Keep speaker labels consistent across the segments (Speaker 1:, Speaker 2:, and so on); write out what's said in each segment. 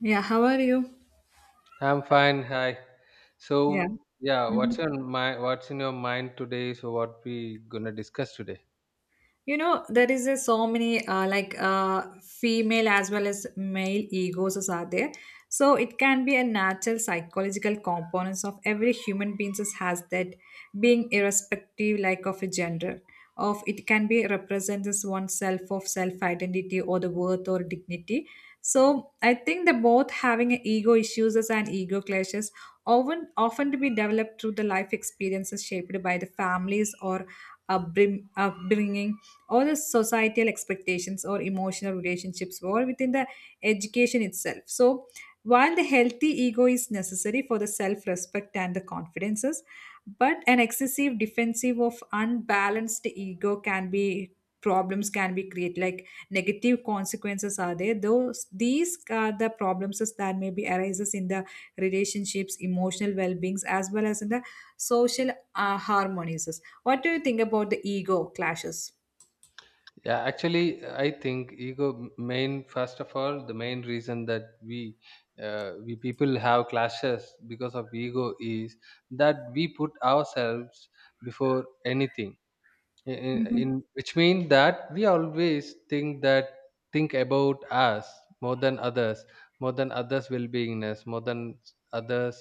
Speaker 1: Yeah, how are you?
Speaker 2: I'm fine. Hi.
Speaker 1: Yeah.
Speaker 2: So, yeah, what's
Speaker 1: hmm
Speaker 2: on my what's in your mind today? So, what we gonna discuss today?
Speaker 1: you know, there is a so many female as well as male egos is are there, so it can be a natural psychological components of every human being just has that being irrespective like of a gender of it can be represents as oneself of self identity or the worth or dignity. So I think the both having a ego issues and ego clashes often to be developed through the life experiences shaped by the families or upbring, upbringing or the societal expectations or emotional relationships or within the education itself. So while the healthy ego is necessary for the self respect and the confidences, but an excessive defensive of unbalanced ego can be problems can be created like negative consequences are there, those these are the problems that may be arises in the relationships emotional well-beings as well as in the social harmonies. What do you think about the ego clashes?
Speaker 2: Yeah, actually, I think ego main first of all the main reason that we people have clashes because of ego is that we put ourselves before anything
Speaker 1: Mhm.
Speaker 2: which means that we always think that think about us more than others, more than others well-beingness, more than others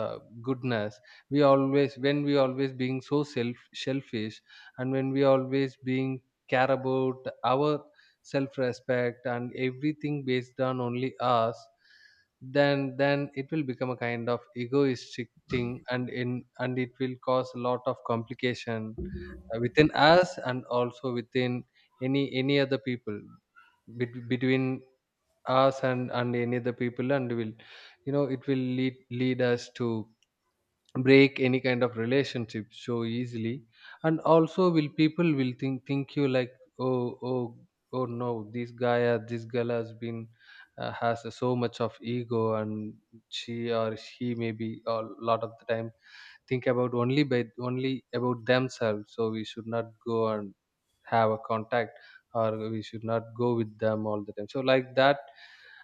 Speaker 2: uh, goodness. We always when we always being so selfish, and when we always being care about our self-respect and everything based on only us, then it will become a kind of egoistic thing, and it will cause a lot of complication within us and also within any other people, between us and any other people, and will, you know, it will lead us to break any kind of relationship so easily. And also will people will think you like, oh, oh, oh, no, this guy or this girl has been has so much of ego, and she or he maybe a lot of the time think about only about themselves, so we should not go and have a contact, or we should not go with them all the time. So like that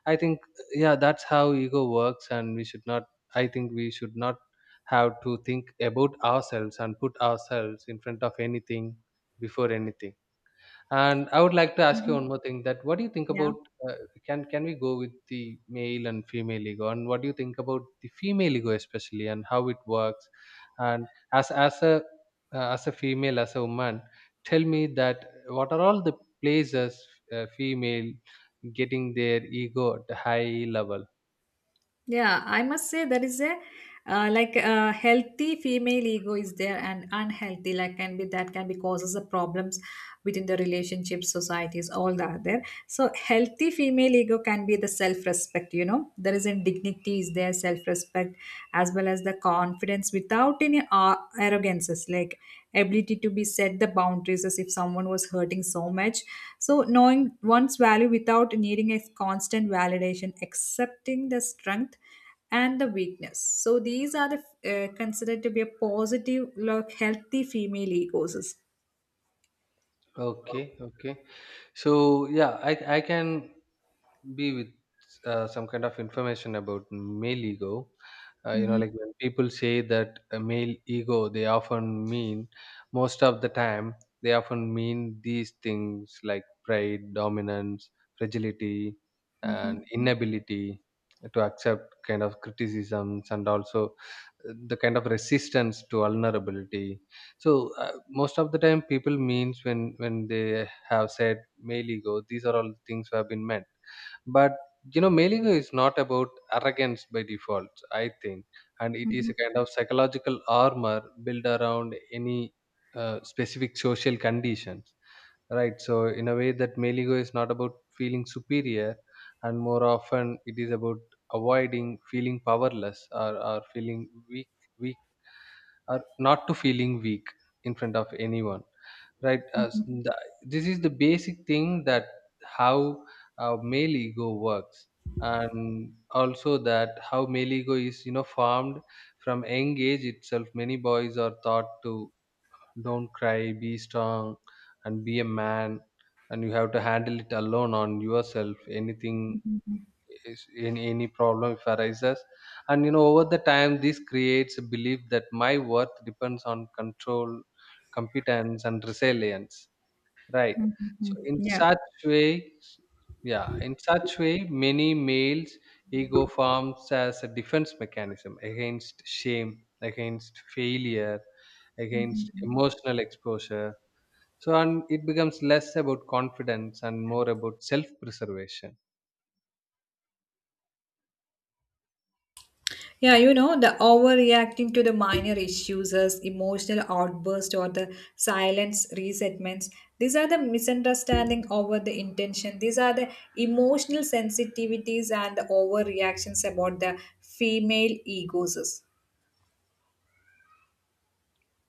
Speaker 2: I think, yeah, that's how ego works, and we should not, I think we should not have to think about ourselves and put ourselves in front of anything, before anything. And I would like to ask you
Speaker 1: Mhm.
Speaker 2: one more thing that what do you think
Speaker 1: Yeah,
Speaker 2: about, uh, can we go with the male and female ego, and what do you think about the female ego especially, and how it works, and as as a as a female, as a woman, tell me that what are all the places female getting their ego at a high level.
Speaker 1: yeah. I must say there is a like a healthy female ego is there, and unhealthy like can be that can be causes the problems within the relationships, societies, all that are there. So healthy female ego can be the self-respect. You know, there is in dignity is there, self-respect, as well as the confidence with without any arrogances, like ability to be set the boundaries as if someone was hurting so much, so knowing one's value without needing a constant validation, accepting the strength and the weakness. So these are the considered to be a positive like healthy female egos.
Speaker 2: Okay, okay. So yeah, I can be with some kind of information about male ego. You know,
Speaker 1: Mhm.
Speaker 2: like when people say that a male ego, they often mean, most of the time they often mean, these things like pride, dominance, fragility, and
Speaker 1: Mhm.
Speaker 2: inability to accept kind of criticisms, and also the kind of resistance to vulnerability. So most of the time people means when they have said male ego, these are all things who have been meant. But you know, mailing is not about arrogance by default, I think, and it is
Speaker 1: Mhm.
Speaker 2: a kind of psychological armor built around any specific social conditions, right? So, in a way, that mailing is not about feeling superior, and more often it is about avoiding feeling powerless, or feeling weak, or not to feeling weak in front of anyone, right? This is the basic thing that how male ego works, and also that how male ego is, you know, formed. From young age itself, many boys are taught to don't cry, be strong, and be a man, and you have to handle it alone on yourself anything is, any problem if arises. And you know, over the time this creates a belief that my worth depends on control, competence, and resilience, right?
Speaker 1: Mhm.
Speaker 2: so in
Speaker 1: Mhm.
Speaker 2: such way Yeah, in such way many males ego forms as a defense mechanism against shame, against failure, against
Speaker 1: Yeah.
Speaker 2: emotional exposure. So and it becomes less about confidence and more about self preservation.
Speaker 1: Yeah, you know, the overreacting to the minor issues as emotional outburst or the silence resentments. These are the misunderstanding over the intention. These are the emotional sensitivities and the overreactions about the female egos.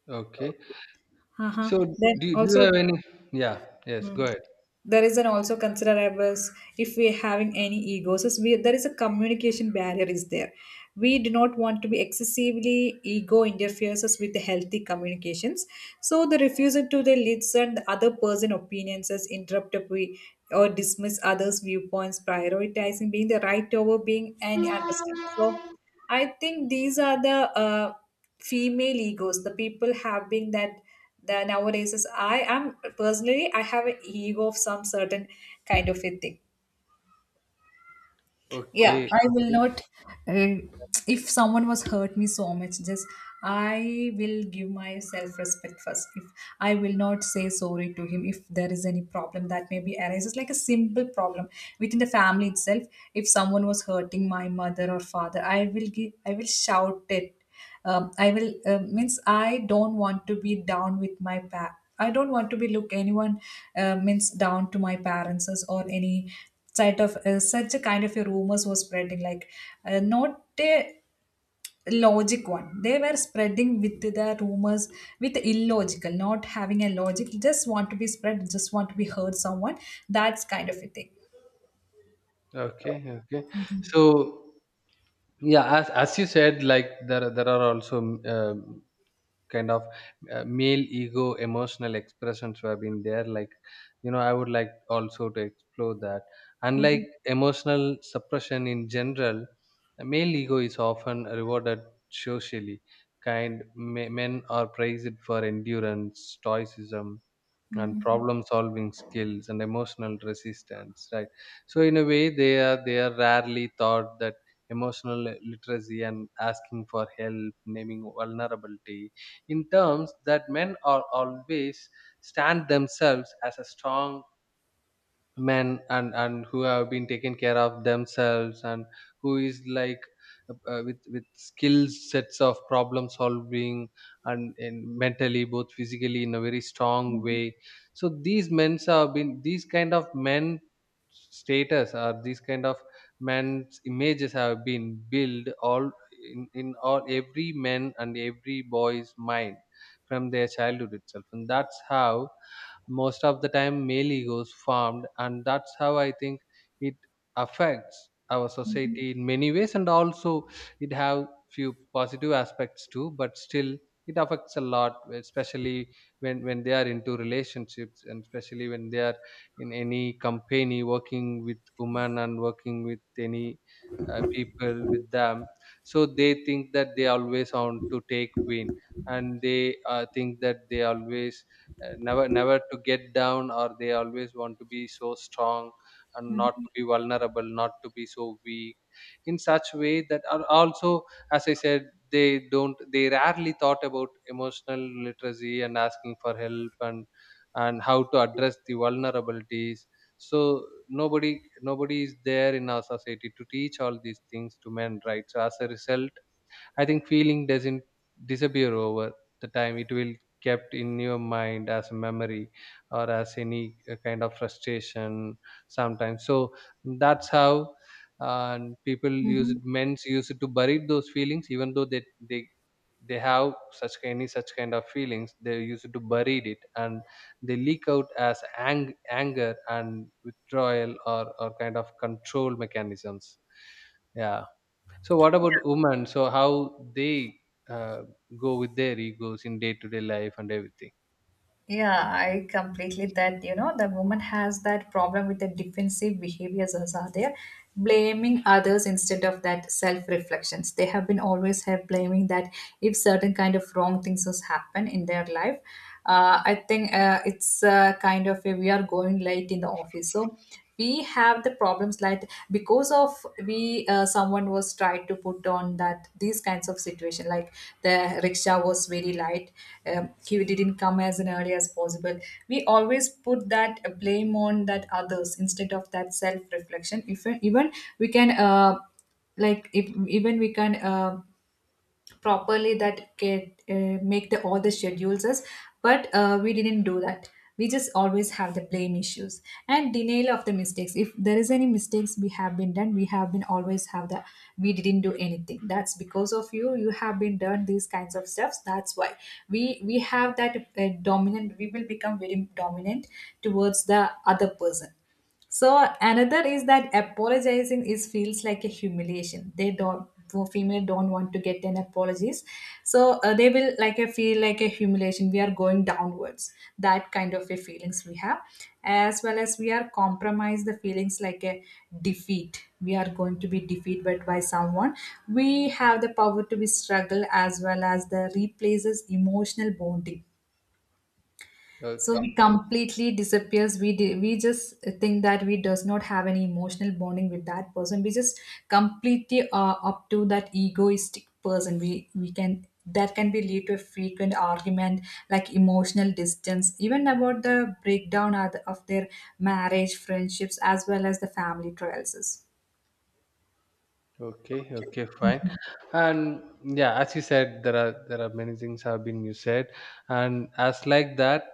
Speaker 2: Okay.
Speaker 1: Uh-huh.
Speaker 2: So
Speaker 1: Then
Speaker 2: do you
Speaker 1: also.
Speaker 2: have any? Yeah. Yes. Go
Speaker 1: Mm.
Speaker 2: ahead.
Speaker 1: There is an also consider as if we're having any egos, is we, there is a communication barrier is there. We do not want to be excessively ego interferes us with the healthy communications. So the refusal to the listen the other person opinions as interrupt up we or dismiss others' viewpoints, prioritizing being the right over being and understand. So I think these are the female egos the people having that the nowadays is, I am personally I have an ego of some certain kind of a thing. Yeah.
Speaker 2: Okay.
Speaker 1: I will
Speaker 2: Okay.
Speaker 1: not. Uh, if someone was hurt me so much, just I will give myself respect first. If I will not say sorry to him, if there is any problem that maybe arises, like a simple problem within the family itself. If someone was hurting my mother or father, I will give. I will shout it. I will means I don't want to be down with my pa. I don't want to be look anyone means down to my parents or any sort of such a kind of a rumors was spreading like not a logic one, they were spreading with the rumors with illogical, not having a logic, just want to be spread, just want to be heard someone, that's kind of a thing.
Speaker 2: Okay. Okay. So yeah, as you said, like there are also um, kind of male ego emotional expressions who have been there. Like you know, I would like also to explore that.
Speaker 1: Mhm.
Speaker 2: Unlike emotional suppression in general, the male ego is often rewarded socially. Kind me- men are praised for endurance, stoicism, and
Speaker 1: Mhm.
Speaker 2: problem solving skills and emotional resistance, right? So in a way they are rarely taught that emotional literacy and asking for help, naming vulnerability, in terms that men are always stand themselves as a strong men, and who have been taken care of themselves, and who is like with skill sets of problem solving, and mentally both physically in a very strong way. So these men have been, these kind of men status or these kind of men's images have been built all in all every man and every boy's mind from their childhood itself, and that's how most of the time male egos formed, and that's how I think it affects our society in many ways. And also it have few positive aspects too, but still it affects a lot, especially when they are into relationships, and especially when they are in any company working with women and working with any people with them. So they think that they always want to take win, and they think that they always never to get down, or they always want to be so strong and not to be vulnerable, not to be so weak. In such way that are also, as I said, they don't, they rarely thought about emotional literacy and asking for help, and how to address the vulnerabilities. So nobody is there in our society to teach all these things to men, right? So as a result, I think feeling doesn't disappear over the time, it will kept in your mind as a memory, or as any kind of frustration sometimes. So that's how uh, people use it,
Speaker 1: Mhm.
Speaker 2: men's use it to bury those feelings, even though they they have such any such kind of feelings, they use it to bury it, and they leak out as anger and withdrawal, or kind of control mechanisms. Yeah. So what about women? So how they uh, go with their egos in day to day life and everything?
Speaker 1: Yeah, I completely that you know the woman has that problem with the defensive behaviors as are there, blaming others instead of that self reflections. They have been always have blaming that if certain kind of wrong things has happened in their life. I think it's kind of a, we are going late in the office, so we have the problems like because of we someone was tried to put on that these kinds of situation like the rickshaw was very light, he didn't come as an early as possible. We always put that blame on that others instead of that self reflection, if even we can like if even we can properly that can make the all the schedules us, but we didn't do that. We just always have the blame issues and denial of the mistakes. If there is any mistakes we have been done, we have been always have the we didn't do anything, that's because of you, you have been done these kinds of stuffs, that's why we have that dominant, we will become very dominant towards the other person. So another is that apologizing is feels like a humiliation. They don't, for female don't want to get an apologies, so they will like a feel like a humiliation, we are going downwards, that kind of a feelings we have, as well as we are compromise the feelings like a defeat, we are going to be defeated by someone. We have the power to be struggle as well as the replaces emotional bonding. So we
Speaker 2: Okay,
Speaker 1: completely disappears, we just think that we does not have any emotional bonding with that person, we just completely are up to that egoistic person, we can that can be lead to a frequent argument like emotional distance even about the breakdown of the- of their marriage friendships as well as the family trials.
Speaker 2: okay, fine. And yeah, as you said, there are many things have been you said, and as like that.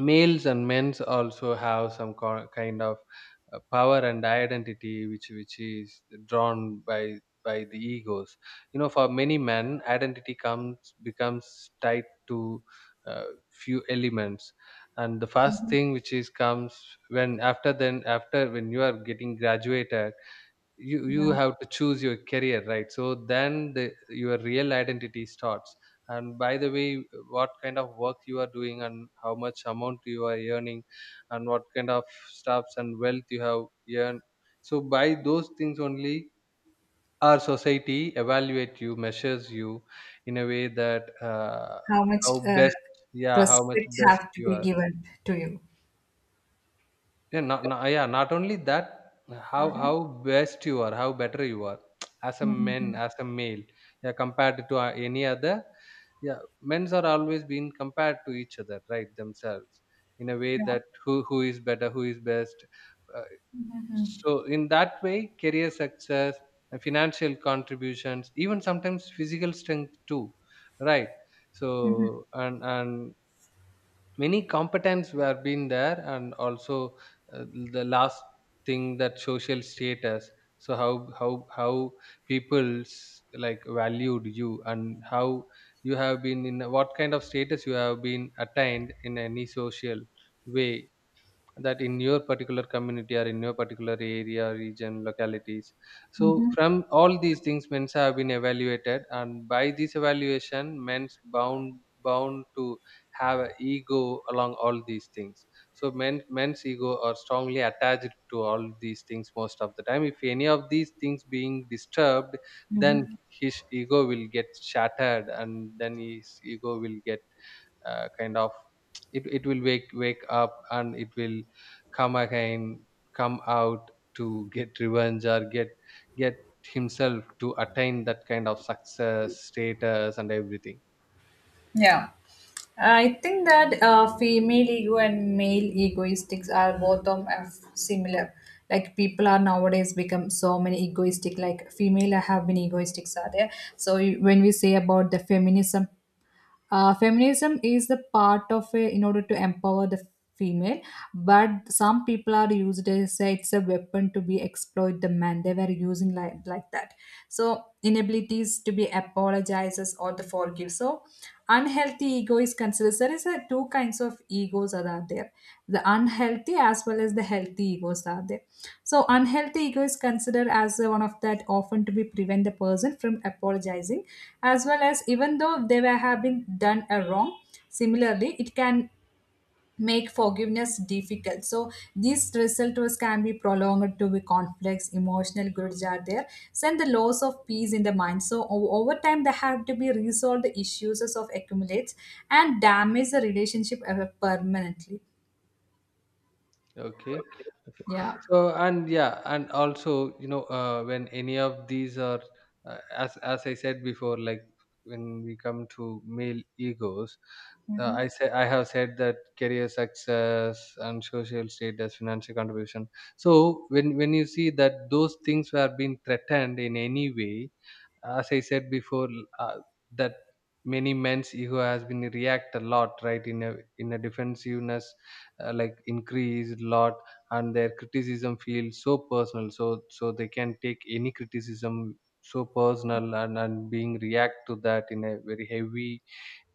Speaker 2: Males and men's also have some kind of power and identity which is drawn by the egos. You know, for many men identity comes becomes tied to uh, few elements. And the first
Speaker 1: Mhm.
Speaker 2: thing which is comes, when after then after when you are getting graduated, you
Speaker 1: Yeah,
Speaker 2: have to choose your career, right? So then your real identity starts. And by the way, what kind of work you are doing and how much amount you are earning, and what kind of stuffs and wealth you have earned. So by those things only our society evaluate you, measures you, in a way that
Speaker 1: how
Speaker 2: how
Speaker 1: much
Speaker 2: best, yeah, how much
Speaker 1: respect
Speaker 2: best
Speaker 1: have to
Speaker 2: you
Speaker 1: be
Speaker 2: are.
Speaker 1: given to you.
Speaker 2: Yeah, not, not yeah, not only that, how best you are, how better you are as a
Speaker 1: Hmm.
Speaker 2: man, as a male, yeah, compared to any other. Yeah, men's are always being compared to each other, right? Themselves, in a way that who is better, who is best. Uh, so in that way, career success, financial contributions, even sometimes physical strength too, right? So and many competence were been there, and also uh, the last thing, that social status. So how people's like valued you, and how you have been, in what kind of status you have been attained in any social way, that in your particular community or in your particular area, region, localities. So
Speaker 1: Hmm.
Speaker 2: from all these things men's have been evaluated, and by this evaluation men's bound to have a ego along all these things. So men's ego are strongly attached to all these things. Most of the time if any of these things being disturbed, then
Speaker 1: Hmm.
Speaker 2: his ego will get shattered, and then his ego will get kind of, it will wake up, and it will come again, come out to get revenge, or get himself to attain that kind of success, status, and everything.
Speaker 1: Yeah. I think that female ego and male egoistics are both of similar. Like people are nowadays become so many egoistic. Like female have been egoistics are there. So you- when we say about the feminism, feminism is the part of a, in order to empower the female, but some people are used as a, it's a weapon to be exploit the man, they were using like that. So inabilities to be apologizes or the forgive, so unhealthy ego is considered considers there is a two kinds of egos that are there, the unhealthy as well as the healthy egos are there. So unhealthy ego is considered as one of that often to be prevent the person from apologizing, as well as even though they were have been done a wrong. Similarly, it can make forgiveness difficult. So these result was can be prolonged to be conflicts, emotional grids are there, and the loss of peace in the mind. So over time they have to be resolved, the issues of accumulates and damage the relationship ever permanently.
Speaker 2: Okay.
Speaker 1: Yeah.
Speaker 2: So and yeah and also, you know, when any of these are as I said before, like when we come to male egos, I have said that career success and social status, financial contribution. So when you see that those things were being threatened in any way, as I said before, uh, that many men's ego has been react a lot, right? In a defensiveness, like increased lot, and their criticism feels so personal. So they can take any criticism so personal and being react to that in a very heavy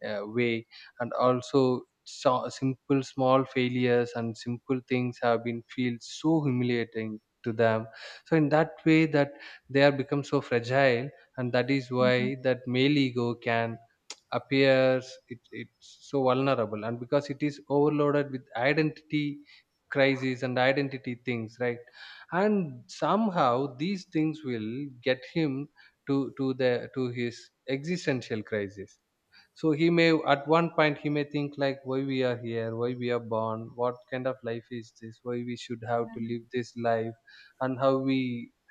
Speaker 2: way, and also simple small failures and simple things have been feel so humiliating to them. So in that way that they are become so fragile, and that is why that male ego can appears it's so vulnerable, and because it is overloaded with identity crises and identity things, right? And somehow these things will get him to his existential crisis. So he may at one point he may think like, why we are here, why we are born, what kind of life is this, why we should have to live this life, and how we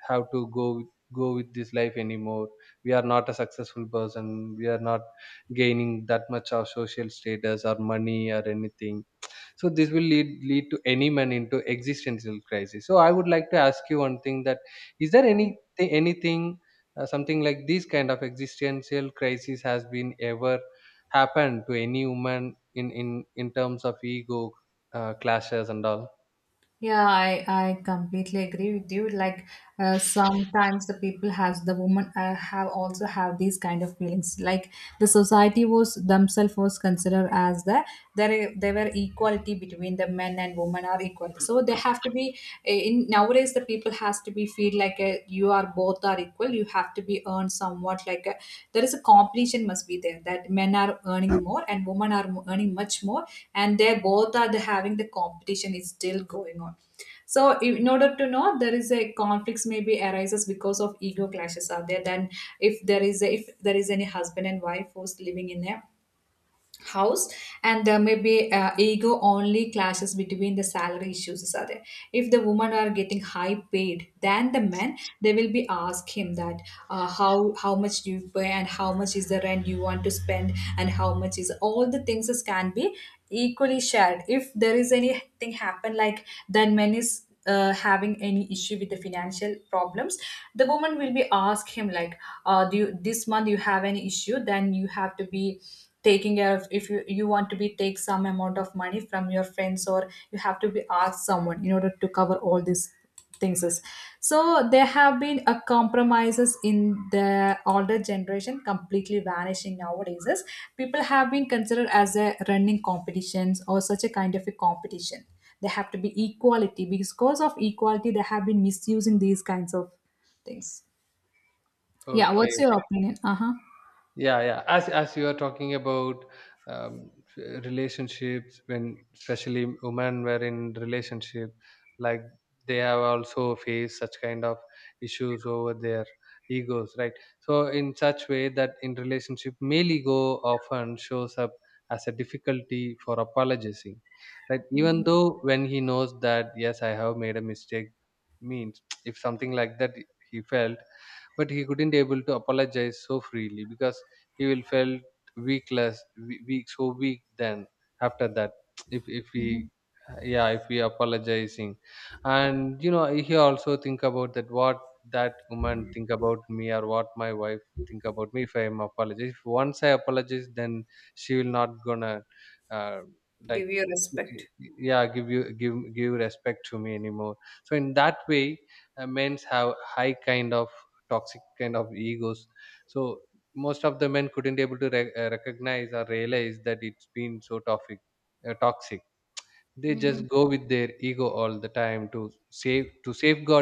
Speaker 2: have to go with this life anymore. We are not a successful person, we are not gaining that much of social status or money or anything. So this will lead to any man into existential crisis. So I would like to ask you one thing, that is there anything something like this kind of existential crisis has been ever happened to any woman in in terms of ego clashes and all?
Speaker 1: Yeah, I completely agree with you. Like sometimes the people has the woman have also have these kind of feelings. Like the society was themselves was considered as the there were equality between the men and women are equal. So they have to be eh, in nowadays the people has to be feel like you are both are equal, you have to be earned somewhat like a, there is a competition must be there that men are earning more and women are earning much more, and they both are the, having the competition is still going on. So in order to know there is a conflicts maybe arises because of ego clashes are there. Then if there is a, if there is any husband and wife who's living in a house, and there may be ego only clashes between the salary issues are there. If the women are getting high paid than the men, they will be ask him that how much do you pay and how much is the rent you want to spend and how much is all the things is can be equally shared. If there is anything happen like then men is having any issue with the financial problems, the woman will be ask him like do you this month you have any issue, then you have to be taking care of if you, you want to be take some amount of money from your friends, or you have to be ask someone in order to cover all this things is. So there have been a compromises in the older generation completely vanishing nowadays is, people have been considered as a running competitions or such a kind of a competition. There have to be equality, because of equality they have been misusing these kinds of things. Yeah,
Speaker 2: Okay.
Speaker 1: what's your opinion? Uh-huh.
Speaker 2: Yeah, as you are talking about um, relationships, when especially women were in relationship, like, they have also faced such kind of issues over their egos, right? So in such way that in relationship male ego often shows up as a difficulty for apologizing, right? Even though when he knows that yes, I have made a mistake, means if something like that he felt, but he couldn't able to apologize so freely, because he will felt weakless, weak so weak. Then after that if if we yeah if we apologizing, and you know he also think about that, what that woman think about me, or what my wife think about me? If I am apologize, if once I apologize, then she will not gonna, uh, like,
Speaker 1: Give respect
Speaker 2: yeah, give you give respect to me anymore. So in that way, men's have high kind of toxic kind of egos. So most of the men couldn't able to recognize or realize that it's been so toxic, toxic. They just go with their ego all the time to save to safeguard